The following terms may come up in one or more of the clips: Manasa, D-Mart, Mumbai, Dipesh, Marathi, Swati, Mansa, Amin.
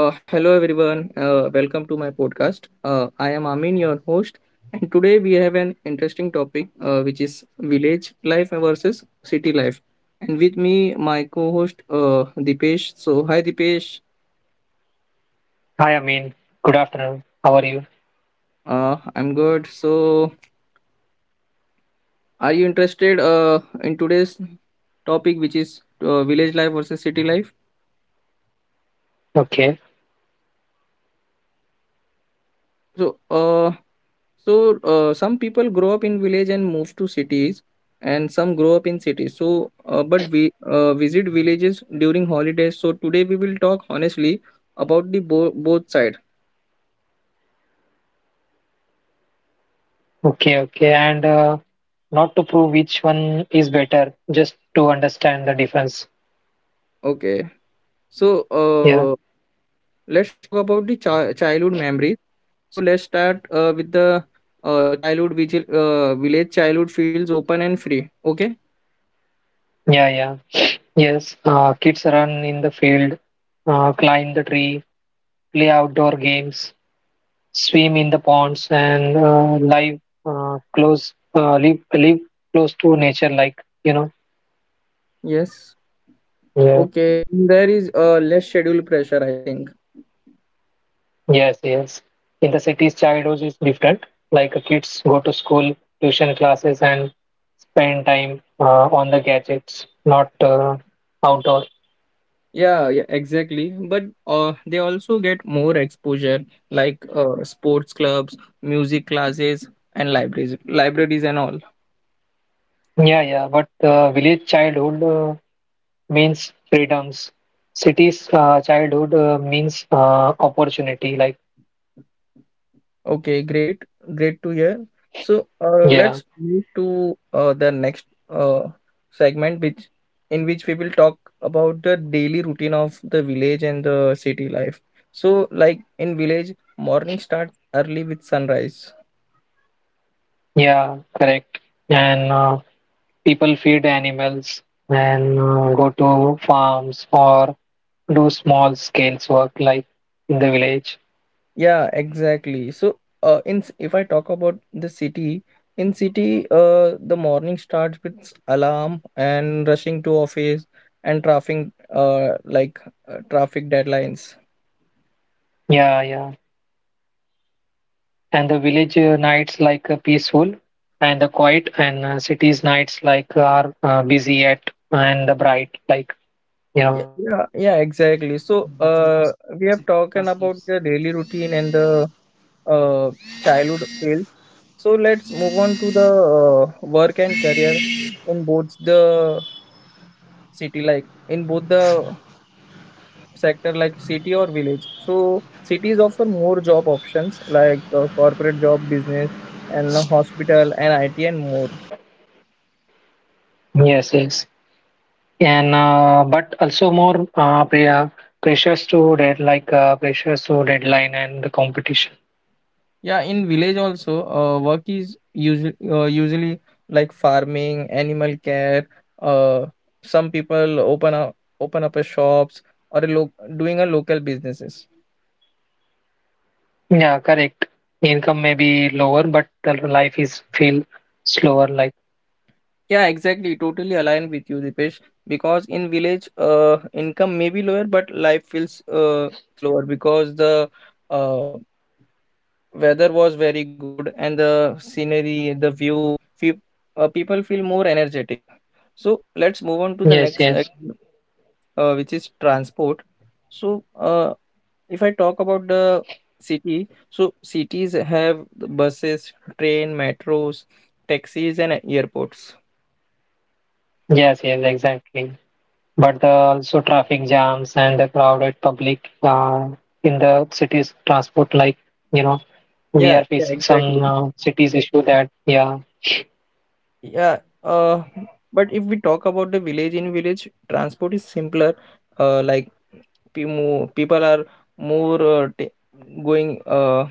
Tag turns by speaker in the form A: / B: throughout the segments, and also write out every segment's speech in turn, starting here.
A: Hello everyone, welcome to my podcast. I am Amin, your host, and today we have an interesting topic which is village life versus city life. And with me, my co-host Dipesh. So hi Dipesh,
B: Hi, Amin. Good afternoon. How are you?
A: I'm good. So are you interested in today's topic which is village life versus city life?
B: Okay,
A: So uh, some people grow up in village and move to cities, and some grow up in cities. So, but we visit villages during holidays. So today we will talk honestly about the both side.
B: okay. And Not to prove which one is better, just to understand the difference.
A: Okay. So
B: Yeah,
A: let's talk about the childhood memories. So let's start with the village childhood feels open and free. Okay.
B: yeah. Yes, kids run in the field, climb the tree, play outdoor games, swim in the ponds, and live close, live live close to nature, like you know.
A: Yes.
B: Yeah.
A: Okay. There is less schedule pressure, I think.
B: Yes, yes. In the cities, childhood is different. Like kids go to school, tuition classes, and spend time on the gadgets, not outdoor.
A: Yeah, yeah, exactly. But they also get more exposure, like sports clubs, music classes, and libraries and all.
B: Yeah, yeah. But village childhood means freedoms. Cities childhood means opportunity. Like
A: Okay, great, great to hear. So
B: yeah,
A: let's move to the next uh, segment, which in which we will talk about the daily routine of the village and the city life. So, like in village, morning starts early with sunrise.
B: yeah, correct. And people feed animals and go to farms or do small scales work like in the village.
A: Yeah, exactly. So, if I talk about the city, in city, the morning starts with alarm and rushing to office and traffic, uh, like traffic deadlines.
B: Yeah, yeah. And the village nights like peaceful and the quiet and cities nights like are busy at and the bright.
A: Yeah, yeah, yeah, exactly. So, we have talked about the daily routine and the uh childhood field. So let's move on to the work and career in both the city, like in both the sector like city or village. So cities offer more job options like corporate job, business, and hospital and IT and more.
B: Yes, and but also more pressures to dead like pressures to deadline and the competition.
A: Yeah, in village also, work is usually like farming, animal care. Uh, some people open up a shops or a doing a local businesses.
B: Yeah, correct. Income may be lower, but the life is feel slower. Like
A: Yeah, exactly. Totally aligned with you, Dipesh. Because in village, income may be lower, but life feels slower because the uh, weather was very good and the scenery the view people feel more energetic. So let's move on to the
B: yes,
A: next
B: yes,
A: which is transport. So if I talk about the city, so cities have the buses, train, metros, taxis, and airports.
B: yes, yes, exactly. But the also traffic jams and the crowded public in the cities transport. Like you know, we are
A: Yeah, yeah,
B: facing
A: exactly.
B: some cities issue that yeah,
A: Yeah, uh, but if we talk about the village, in village transport is simpler, uh, like people are more going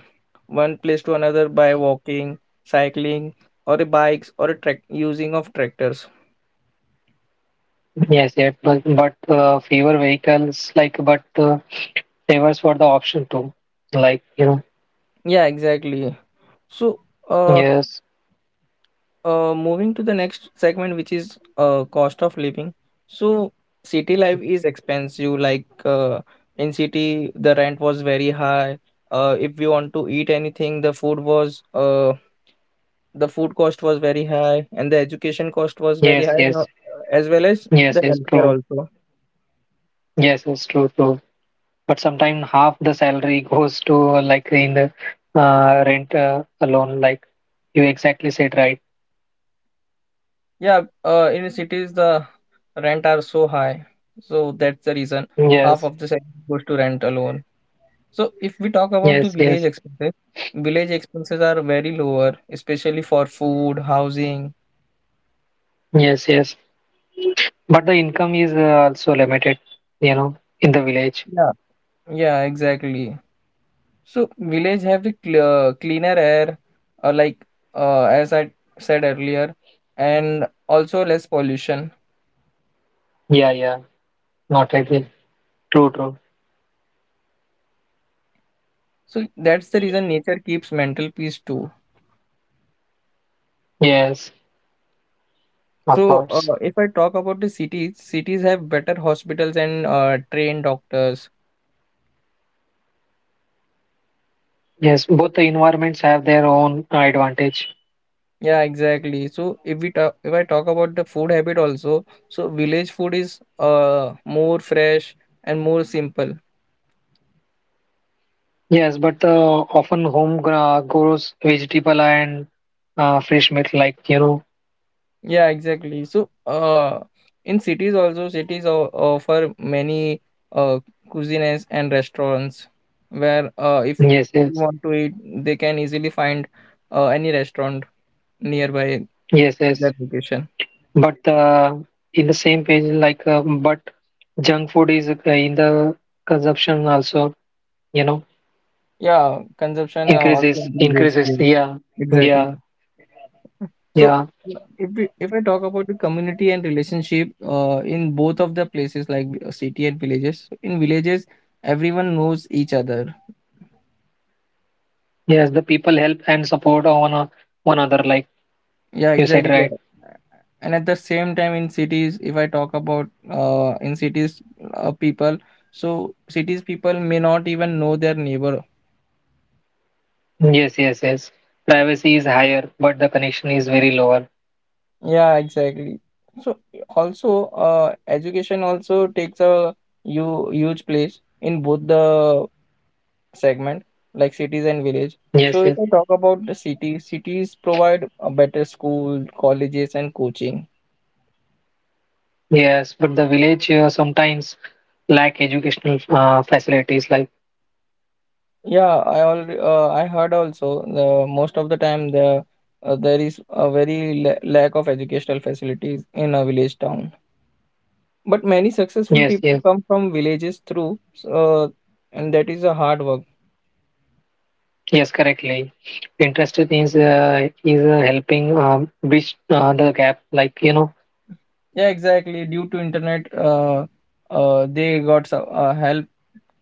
A: one place to another by walking, cycling, or a bikes or a track using of tractors.
B: yes, yes, but fewer vehicles like but. Favors for the option too. Like, you know,
A: Yeah, exactly. So, uh,
B: yes,
A: moving to the next segment, which is cost of living. So city life is expensive. Like in city, the rent was very high. If we want to eat anything, the food cost was very high and the education cost was very
B: yes,
A: high, you know,
B: yes,
A: as well as
B: yes,
A: the
B: yes,
A: healthcare
B: true.
A: also.
B: Yes, yes, true, true. But sometimes half the salary goes to like in the rent alone, like you exactly said, right?
A: Yeah, in cities the rent are so high, so that's the reason half
B: Yes,
A: of the salary goes to rent alone. So if we talk about the
B: yes,
A: village
B: yes,
A: expenses, village expenses are very lower, especially for food, housing.
B: yes. But the income is also limited, you know, in the village.
A: Yeah, yeah, exactly. So village have the cleaner air, uh, like as I said earlier, and also less pollution.
B: Yeah, yeah, not really. True, true.
A: So that's the reason nature keeps mental peace too.
B: Yes, of
A: So
B: course.
A: if I talk about the cities, cities have better hospitals and trained doctors.
B: Yes, both the environments have their own advantage.
A: Yeah, exactly. So if we talk, if I talk about the food habit also, so village food is more fresh and more simple.
B: Yes, but often home grows vegetable and fresh meat, like you know.
A: Yeah, exactly. So in cities also, cities offer many uh cuisines and restaurants where if
B: Yes,
A: you
B: yes,
A: want to eat, they can easily find any restaurant nearby
B: yes.
A: that location.
B: But in the same page, like but junk food is in the consumption also, you know,
A: Yeah, consumption also
B: increases,
A: increases.
B: increases.
A: Yes, exactly.
B: Yeah,
A: So
B: yeah.
A: if I talk about the community and relationship in both of the places like city and villages. So in villages, everyone knows each other.
B: Yes, the people help and support one another, like
A: Yeah,
B: you said,
A: exactly.
B: right?
A: And at the same time, in cities, if I talk about in cities, people. So cities people may not even know their neighbor.
B: Yes, yes, yes. Privacy is higher, but the connection is very lower.
A: Yeah, exactly. So also, education also takes a you huge place in both the segment, like cities and village. So
B: Yes,
A: if
B: yes.
A: I talk about the city, cities provide a better school, colleges, and coaching.
B: Yes, but the village sometimes lack educational facilities. Like
A: Yeah, I already I heard also the most of the time the there is a very la lack of educational facilities in a village town. But many successful
B: yes,
A: people
B: yes,
A: come from villages through, uh, and that is a hard work.
B: yes, correctly. Interested is helping bridge the gap. Like you know,
A: Yeah, exactly. Due to internet, they got some help,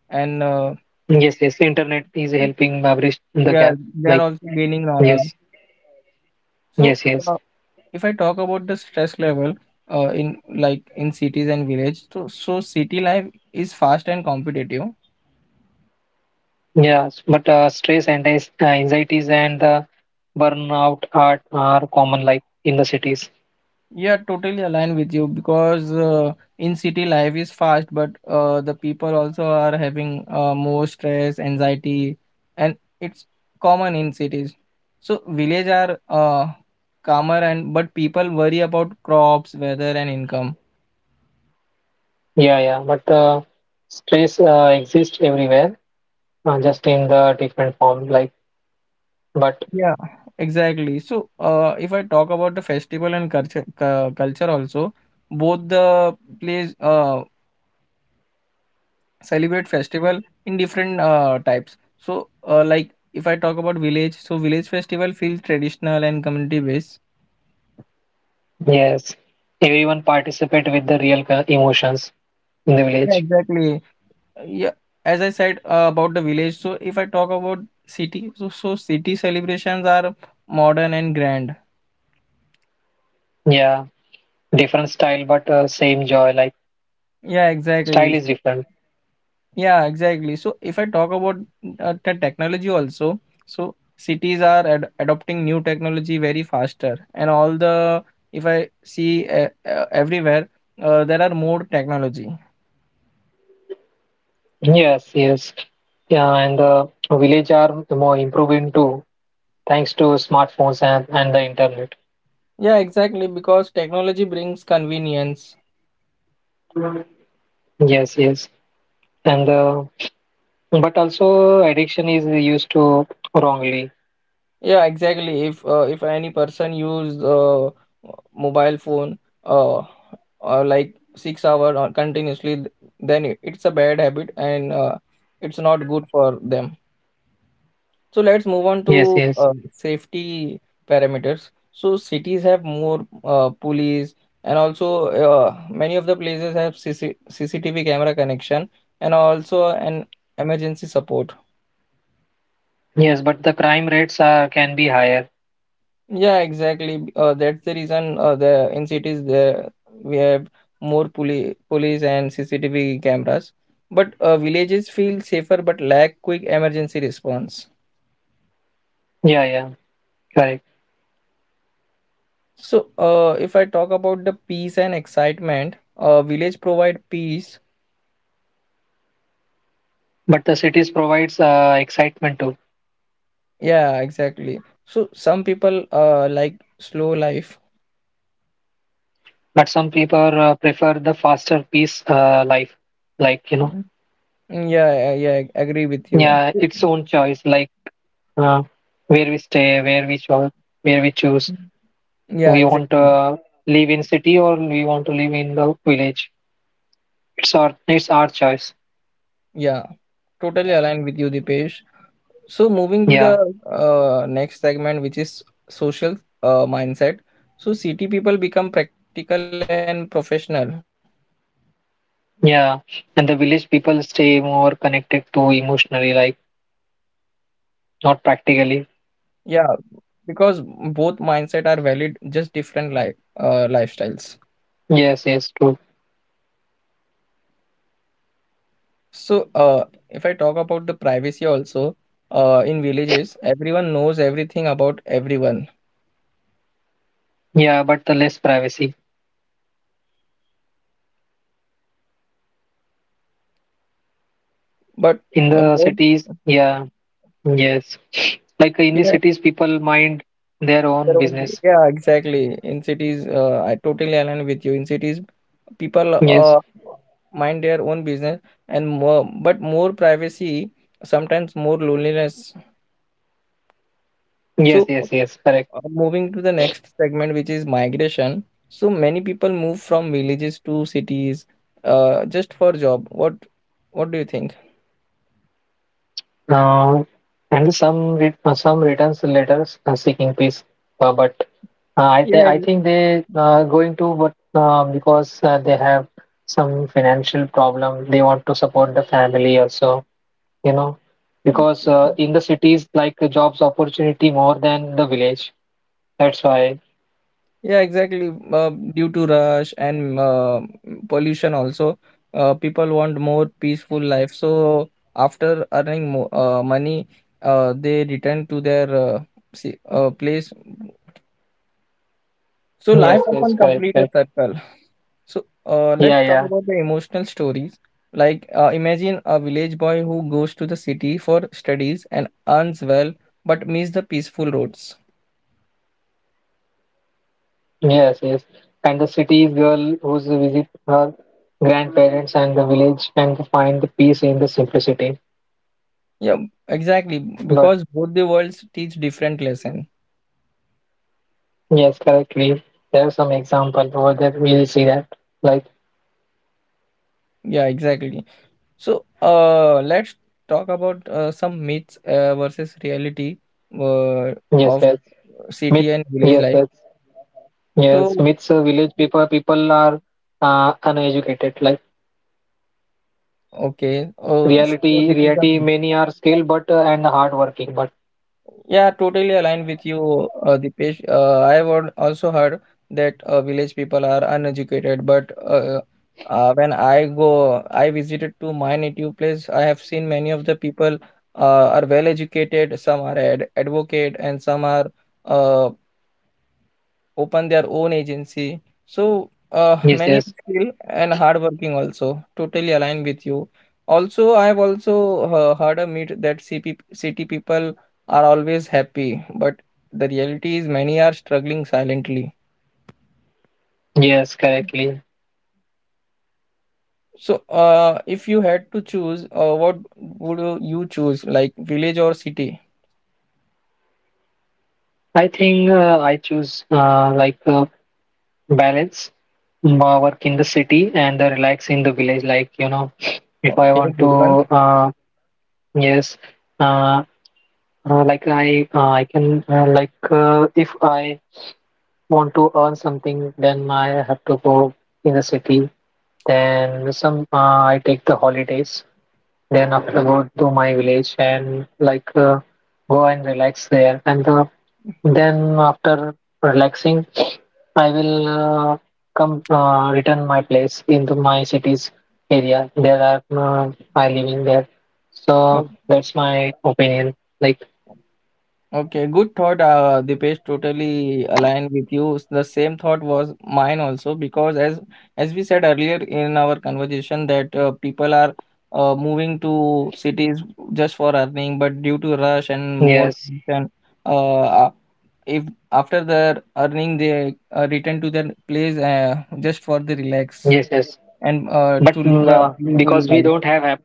A: and
B: yes, yes, internet is helping bridge the
A: yeah,
B: gap.
A: they are
B: Like
A: also gaining
B: yes,
A: knowledge. So,
B: yes, yes,
A: uh, if I talk about the stress level, in cities and village, so so city life is fast and competitive.
B: yes. But stress and anxieties and burnout are common. Like in the cities.
A: Yeah, totally align with you because in city life is fast, but the people also are having more stress, anxiety, and it's common in cities. So village are calmer and but people worry about crops, weather, and income.
B: Yeah, yeah. But stress exists everywhere, just in the different form. Like But
A: Yeah, exactly. So if I talk about the festival and culture, culture also, both the place celebrate festival in different types. So like if I talk about village, so village festival feels traditional and community based.
B: yes, everyone participate with the real emotions in the
A: Yeah,
B: village.
A: exactly. Yeah, as I said about the village, so if I talk about city, so city celebrations are modern and grand.
B: Yeah, different style, but same joy. Like
A: Yeah,
B: style
A: exactly.
B: is different.
A: Yeah, exactly. So if I talk about the technology also, so cities are ad adopting new technology very faster, and all the if I see everywhere, there are more technology.
B: Yes, yes. Yeah, and the village are more improving too, thanks to smartphones and the internet.
A: Yeah, exactly. Because technology brings convenience.
B: Yes, yes. And But also addiction is used to wrongly.
A: Yeah, exactly. If any person use mobile phone uh, like 6 hours or continuously, then it's a bad habit, and it's not good for them. So let's move on
B: Yes,
A: to
B: yes.
A: safety parameters. So cities have more police, and also many of the places have C C T V camera connection and also an emergency support.
B: Yes, but the crime rates are can be higher.
A: Yeah, exactly. That's the reason the in cities there we have more police and CCTV cameras. But villages feel safer but lack quick emergency response.
B: Yeah, yeah, correct.
A: So, if I talk about the peace and excitement, village provide peace.
B: But the cities provides excitement too.
A: Yeah, exactly. So some people like slow life.
B: But some people prefer the faster pace life, like you know,
A: Mm. Yeah, yeah, yeah, I agree with you.
B: yeah, its own choice, like uh, where we stay, where we shop, where we choose.
A: Mm. Yeah,
B: We want
A: exactly.
B: to live in city or we want to live in the village. It's our choice.
A: Yeah, totally aligned with you, Dipesh. So moving to
B: Yeah,
A: the next segment, which is social mindset. So city people become practical and professional.
B: yeah. And the village people stay more connected to emotionally, like
A: Yeah,
B: not practically.
A: because both mindset are valid, just different life lifestyles.
B: Yes, yes, true.
A: So, if I talk about the privacy also, in villages, everyone knows everything about everyone,
B: Yeah, but the less privacy
A: but
B: in
A: uh,
B: the
A: more
B: cities. Yeah, yes. Like in the
A: yeah,
B: cities, people mind their
A: their
B: own
A: own way.
B: business.
A: Yeah, exactly. In cities, I totally align with you. In cities, people
B: Yes,
A: mind their own business and more, but more privacy, sometimes more loneliness.
B: yes,
A: So
B: yes, yes, correct.
A: Moving to the next segment, which is migration. So many people move from villages to cities, just for job. What do you think?
B: Uh, and some returns letters seeking peace, but
A: Yeah,
B: I
A: ex-
B: think they going to but because they have some financial problem, they want to support the family also, you know, because in the cities like the jobs opportunity more than the village. That's why.
A: yeah, exactly. Due to rush and pollution, also, people want more peaceful life. So after earning mo money, they return to their place. So
B: Yes,
A: life
B: yes,
A: often
B: correct,
A: complete a
B: correct.
A: circle. So
B: Yeah,
A: let's talk
B: yeah.
A: about the emotional stories. Like, imagine a village boy who goes to the city for studies and earns well, but miss the peaceful roads.
B: Yes, yes. And the city's girl who's visit her grandparents and the village and to find the peace in the simplicity.
A: Yeah, exactly.
B: But
A: Because both the worlds teach different lesson.
B: yes, correctly. There are some examples over that we will see that. Like
A: Yeah, exactly. So let's talk about some myths versus reality uh,
B: yes,
A: of
B: yes. Myth
A: city and village
B: yes,
A: life.
B: yes. Yes,
A: So
B: myths village people are uneducated. Like
A: okay, so
B: reality
A: this is the
B: reality
A: myth.
B: many are skilled but and hardworking. But
A: Yeah, totally aligned with you, Dipesh. Also heard that village people are uneducated, but when I go, I visited to my native place. I have seen many of the people are well educated. Some are ad advocate, and some are uh, open their own agency. So
B: yes,
A: many are
B: yes.
A: skilled and hardworking also. Totally aligned with you. Also, I have also heard a myth that CP, city people are always happy, but the reality is many are struggling silently.
B: Yes, correctly.
A: So, if you had to choose, what would you choose, like village or city?
B: I think I choose balance my work in the city and the relax in the village. Like, you know, if
A: Oh,
B: I
A: okay,
B: want to,
A: good one?
B: yes, uh, I can, if I want to earn something, then I have to go in the city. Then some, I take the holidays. Then after go to my village and like go and relax there. And Then after relaxing, I will come return my place into my city's area. There are I living there. So
A: Oh.
B: that's my opinion. Like
A: Okay, good thought. Dipesh, totally aligned with you. The same thought was mine also because as we said earlier in our conversation that people are moving to cities just for earning, but due to rush and more
B: yes,
A: pollution, uh, a- if after their earning they return to their place just for the relax
B: yes, yes.
A: and
B: But
A: to live a peaceful
B: because we
A: life.
B: don't have app,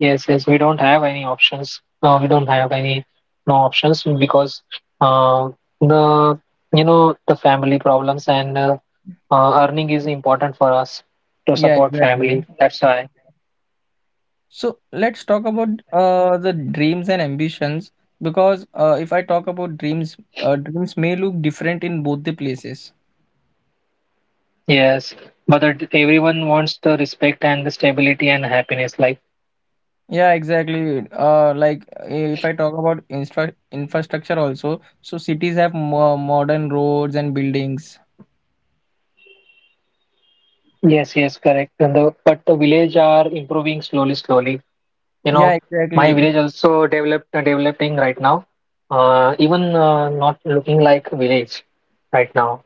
B: yes, yes, we don't have any options. We don't have any no options because uh, the you know the family problems and earning is important for us to
A: Yeah,
B: support
A: exactly.
B: family. That's why.
A: So let's talk about the dreams and ambitions because if I talk about dreams, dreams may look different in both the places.
B: Yes, but that everyone wants the respect and the stability and happiness. Like
A: Yeah, exactly. Like if I talk about instra infrastructure also, so cities have more modern roads and buildings.
B: yes, yes, correct. And the, but the village are improving slowly, slowly. You know,
A: Yeah,
B: my
A: exactly.
B: village also developed developing right now even not looking like village right now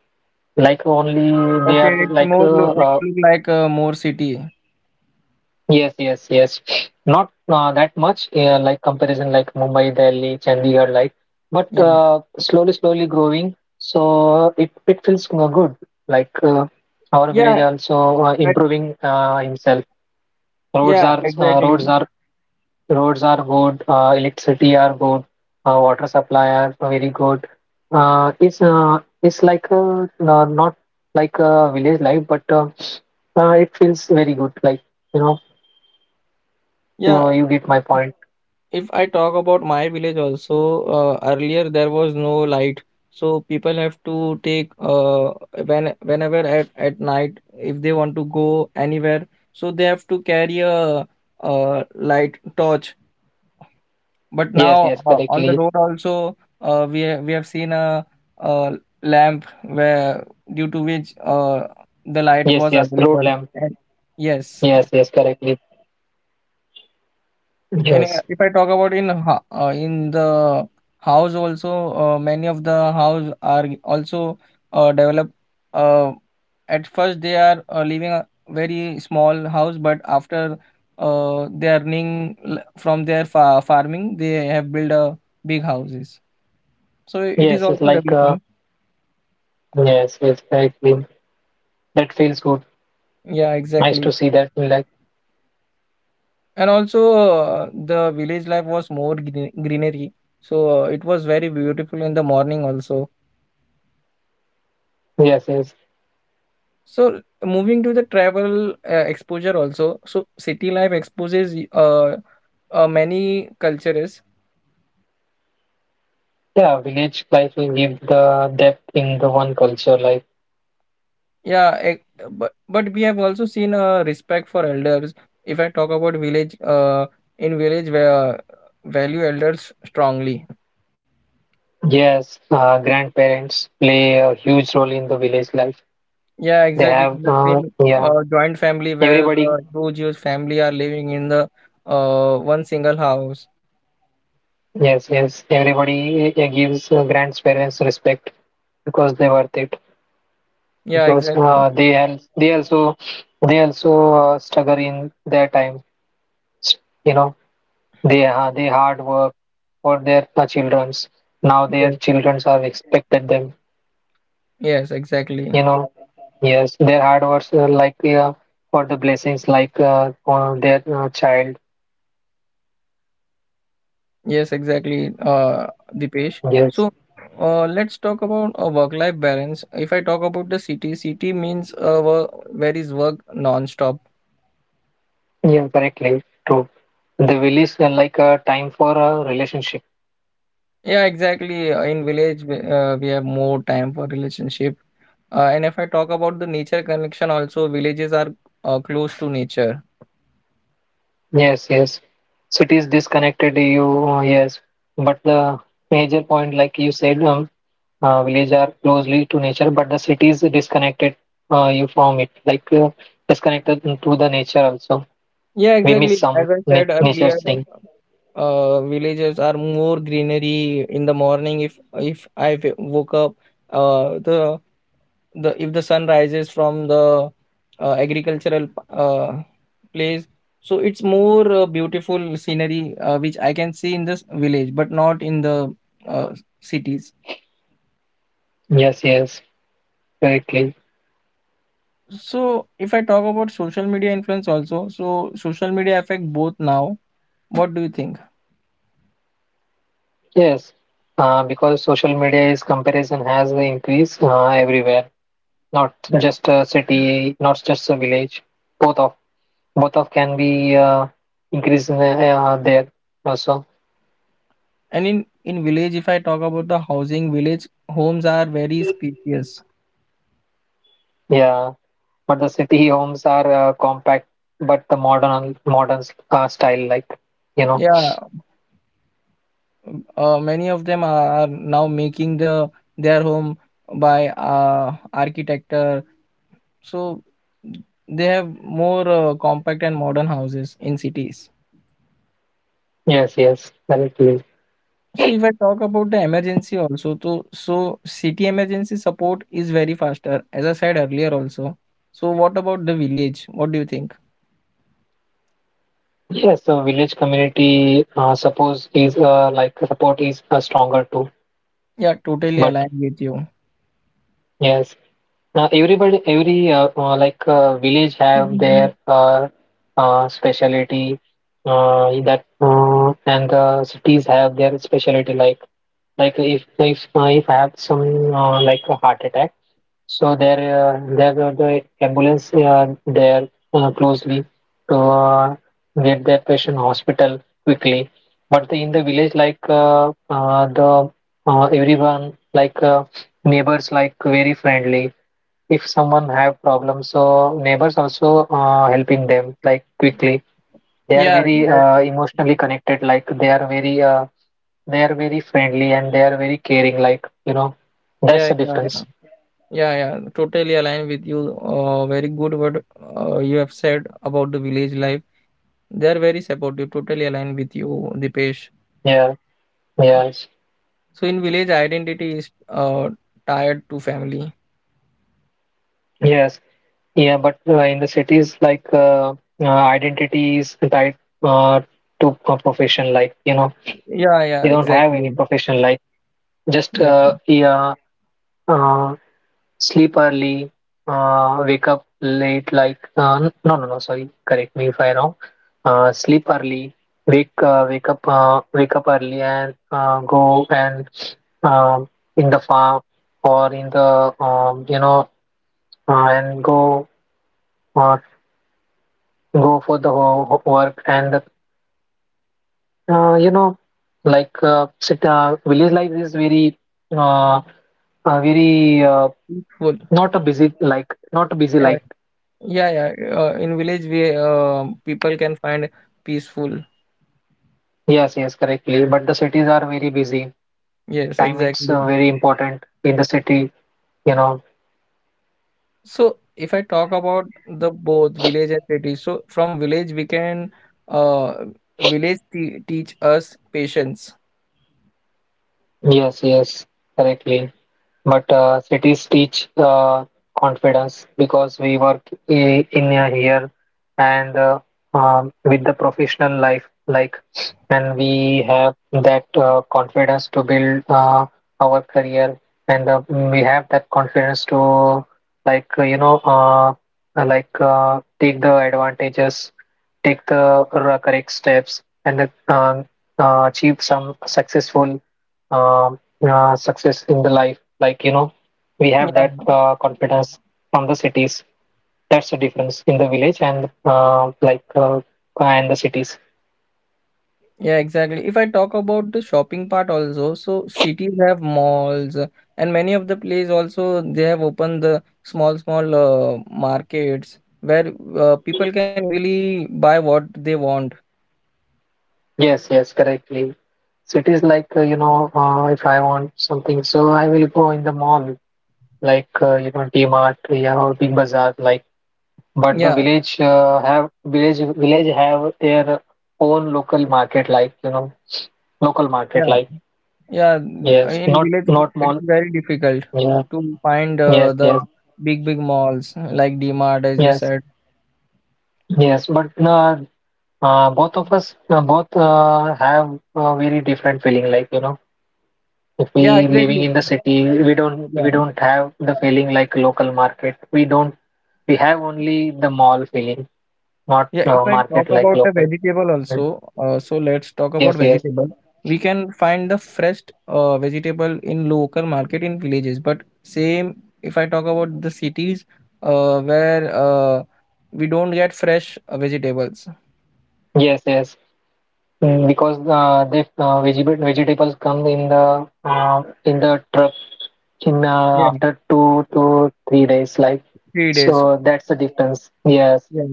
B: like only they
A: Okay,
B: are
A: it's
B: like
A: more lo it look like a more city.
B: yes, yes, yes, not that much like comparison like Mumbai Delhi Chandigarh like but
A: Yeah,
B: uh, slowly slowly growing so it feels good like our
A: yeah,
B: village also
A: that,
B: improving himself roads
A: yeah,
B: are
A: exactly.
B: roads are good, electricity are good, water supply are very good. It's like a, not like a village life, but it feels very good. Like you know, you,
A: Yeah,
B: you get my point.
A: if I talk about my village also, earlier there was no light, so people have to take whenever at night if they want to go anywhere, so they have to carry light torch. But
B: Yes,
A: now
B: yes,
A: on the
B: correctly.
A: road also, we have seen a, uh lamp where due to which the light
B: Yes,
A: was
B: yes, road
A: available.
B: lamp.
A: And yes.
B: Yes, yes, correctly.
A: And
B: Yes,
A: if I talk about in the house also, many of the house are also developed. Uh, at first, they are living a very small house, but after they are from their fa farming, they have built a big houses. So it is
B: yes, it's
A: also
B: like
A: developing.
B: yes, yes, correctly. That feels good.
A: Yeah,
B: Nice
A: exactly.
B: to see that. Like
A: And also, the village life was more greenery. So it was very beautiful in the morning also.
B: yes, yes,
A: So moving to the travel exposure also. So city life exposes many cultures.
B: yeah. Village life will give the depth in the one culture. Like
A: Yeah, e- but we have also seen a respect for elders. If I talk about village, in village where value elders strongly.
B: Yes, grandparents play a huge role in the village life.
A: Yeah,
B: They
A: exactly.
B: have,
A: The same
B: yeah,
A: joint family where the
B: everybody,
A: two Jewish family are living in the one single house.
B: yes, yes, everybody gives grandparents respect because they worth it.
A: Yeah,
B: Because
A: exactly.
B: they al they also struggle in their time. You know, they hard work for their childrens. Now their
A: Yes.
B: childrens are expected them.
A: Yes, exactly.
B: You know, yes their hard words for the blessings like for their child
A: Yes, exactly, Dipesh.
B: yes
A: So, let's talk about a work-life balance. If I talk about the city, city means where is work non-stop.
B: yeah correctly true the village like a time for a relationship
A: Yeah, exactly. In village, we have more time for relationship. And if I talk about the nature connection, also villages are close to nature.
B: yes yes cities disconnected you yes but the major point like you said village are closely to nature but the cities disconnected you from it like disconnected to the nature also
A: Yeah,
B: we miss
A: exactly.
B: some
A: As I said
B: nature
A: earlier,
B: thing
A: villages are more greenery in the morning. If I woke up, uh, the the if the sun rises from the agricultural place, so it's more beautiful scenery which I can see in this village but not in the uh, cities.
B: yes yes correctly.
A: So if I talk about social media influence also, so social media affect both now. What do you think?
B: Yes, because social media is comparison has increased everywhere, not
A: Yeah.
B: just a city, not just a village. Both of both of can be increased in, there also.
A: And in village, if I talk about the housing, village homes are very spacious.
B: Yeah, but the city homes are compact, but the modern style like you know.
A: Yeah, many of them are now making the their home by architecture, so they have more compact and modern houses in cities.
B: Yes, yes, correctly.
A: So if I talk about the emergency also to, so city emergency support is very faster, as I said earlier also. So what about the village? What do you think?
B: Yes, so village community suppose is like support is stronger too.
A: Yeah, totally
B: But
A: aligned with you.
B: yes, now, everybody, every like village have
A: Mhm.
B: their specialty in that, and the cities have their specialty. Like if I have some like a heart attack, so there go the ambulance there closely to get that patient hospital quickly. But the, in the village, like the everyone like neighbors like very friendly if someone have problems so neighbors also helping them like quickly they are
A: Yeah,
B: very
A: that,
B: emotionally connected like they are very friendly and they are very caring like you know that's
A: yeah,
B: the
A: yeah yeah.
B: difference
A: Yeah, yeah, totally aligned with you. Very good what you have said about the village life. They are very supportive. Totally aligned with you, Dipesh.
B: yeah yes
A: So in village, identity is tied to family.
B: yes yeah but in the cities like identity is tied uh, to a profession like you know
A: Yeah,
B: they
A: yeah,
B: don't have any
A: exactly.
B: profession like just
A: Yeah,
B: yeah uh, sleep early, wake up late, like, no, no, no, sorry, correct me if I wrong. Sleep early, wake up early and go and um in the farm or in the, you know, uh, and go, uh, go for the work and, you know, like, village life is very, uh, uh, very, uh,
A: peaceful.
B: not a busy
A: Yeah,
B: like
A: yeah, yeah. In village, we people can find peaceful.
B: Yes, yes, correctly. But the cities are very busy.
A: Yes,
B: Time is
A: exactly.
B: very important in the city, you know.
A: So if I talk about the both village and city, so from village we can uh village te teach us patience.
B: Yes, yes, correctly. But cities teach confidence because we work in a here and with the professional life, like, and we have that confidence to build our career, and we have that confidence to, like, take the advantages, take the correct steps, and achieve some successful. Um, Success in the life. Like, you know, we have
A: Yeah.
B: that confidence from the cities. That's the difference in the village and and the cities.
A: Yeah, exactly. If I talk about the shopping part also, so cities have malls and many of the place also they have opened the small small markets where people can easily buy what they want.
B: Yes, yes, correctly. Cities like you know, if I want something, so I will go in the mall, like you know, T-Mart, yeah, or Big Bazaar, like. But the
A: Yeah.
B: village have village village have their own local market, like you know, local market,
A: Yeah.
B: like
A: Yeah,
B: yes,
A: in
B: not
A: village it
B: not
A: it
B: mall.
A: is very difficult
B: Yeah,
A: to find
B: yes,
A: the
B: yes.
A: big big malls like D-Mart as you
B: Yes,
A: said.
B: yes, but both of us both have a very different feeling. Like you know, if
A: Yeah,
B: we living
A: exactly.
B: in the city, we don't we
A: Yeah.
B: don't have the feeling like local market. We don't we have only the mall feeling, not
A: Yeah,
B: uh,
A: if I talk
B: market like
A: about the
B: local.
A: vegetable also, so let's talk about
B: Yes, yes,
A: vegetable. We can find the fresh vegetable in local market in villages, but same if I talk about the cities where we don't get fresh vegetables.
B: yes, yes. Mm, because the vegetables come in the truck in
A: Yeah,
B: after 2 to 3 days, like
A: 3 days.
B: so that's the difference. Yes.
A: Yes.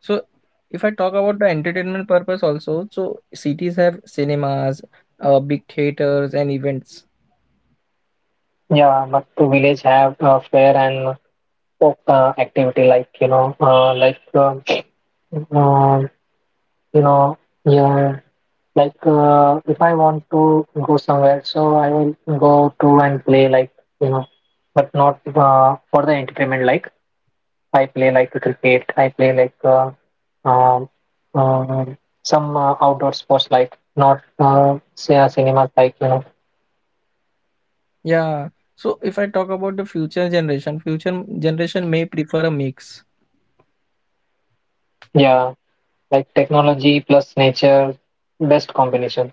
A: So if I talk about the entertainment purpose also, so cities have cinemas, big theaters and events.
B: Yeah, but the village have fair and folk activity like you know, um, you know, yeah, like if I want to go somewhere, so I will go to and play like you know, but not for the entertainment. Like I play like cricket, I play like um, um, some outdoor sports like not say cinemas like you know,
A: Yeah. So if I talk about the future generation may prefer a mix.
B: yeah, like technology plus nature, best combination.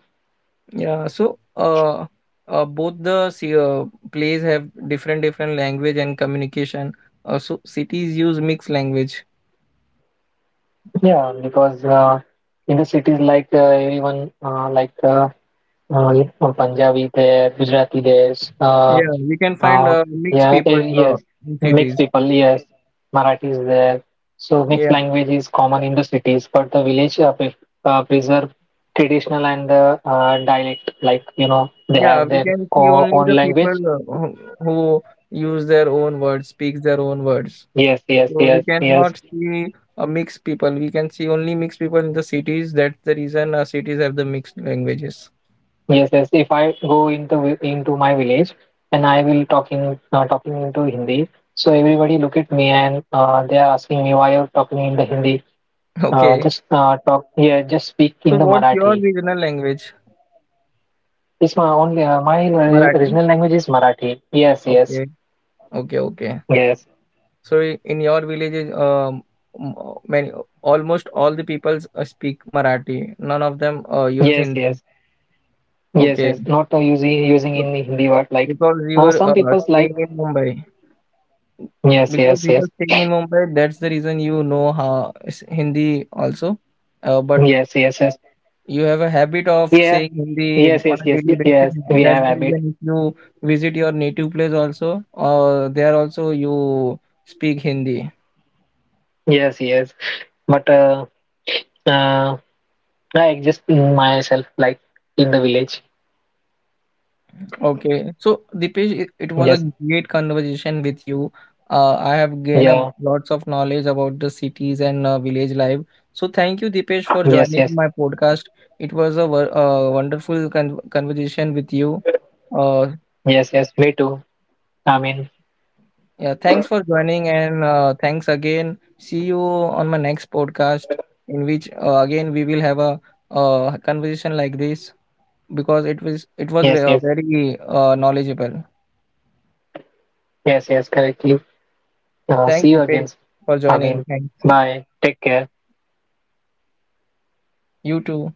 A: Yeah. So both the plays have different different language and communication. So cities use mixed language.
B: Yeah, because in the cities like everyone uh, Punjabi there, Gujarati there, uh,
A: Yeah, we can find
B: uh,
A: mixed
B: yeah,
A: people
B: yes,
A: in
B: mixed
A: cities.
B: people, yes, Marathi is there. So mixed
A: Yeah.
B: language is common in the cities, but the village preserve traditional and the dialect. Like you know, they
A: Yeah,
B: have
A: we
B: their
A: can see
B: o
A: only
B: own
A: the people
B: language.
A: who use their own words, speaks their own words.
B: Yes, yes,
A: So we
B: yes, yes.
A: cannot see a mixed people. We can see only mixed people in the cities. That's the reason our cities have the mixed languages.
B: Yes, yes. If I go into my village and I will talking into Hindi, so everybody look at me and they are asking me why you're talking in the Hindi.
A: Okay.
B: Just Talk yeah, just speak in
A: So
B: the
A: what's your
B: Marathi.
A: regional language?
B: It's my only my
A: Marathi.
B: original language is Marathi. Yes,
A: Okay. Okay. Okay.
B: yes,
A: So in your villages, many almost all the people speak Marathi. None of them use
B: yes,
A: Hindi.
B: yes, yes,
A: Okay.
B: yes. Not using
A: So
B: in the Hindi word like
A: because you were
B: some people's like
A: staying in Mumbai.
B: yes,
A: Because
B: yes,
A: you are
B: yes,
A: staying in Mumbai, that's the reason you know how Hindi also. But
B: yes.
A: you have a habit of
B: Yeah,
A: saying Hindi
B: yes,
A: on
B: yes,
A: a
B: yes,
A: daily basis.
B: yes. We
A: That's
B: have
A: the
B: habit.
A: reason if you visit your native place also, or there also you speak Hindi.
B: Yes, yes. But uh, I exist in myself, like in the village.
A: Okay. So, Dipesh, it was a
B: Yes,
A: great conversation with you. I have gained a
B: yeah,
A: lots of knowledge about the cities and village life. So, thank you, Dipesh, for
B: yes,
A: joining
B: yes,
A: my podcast. It was a wonderful conversation with you. Uh,
B: yes. Me too. I mean,
A: yeah, thanks for joining, and thanks again. See you on my next podcast, in which again we will have a conversation like this because it was it was ve-
B: yes,
A: uh,
B: yes,
A: very knowledgeable.
B: yes. Correctly.
A: Thanks,
B: See you again.
A: Dipesh, for
B: I
A: joining.
B: mean,
A: Thanks.
B: bye. Take care.
A: You too.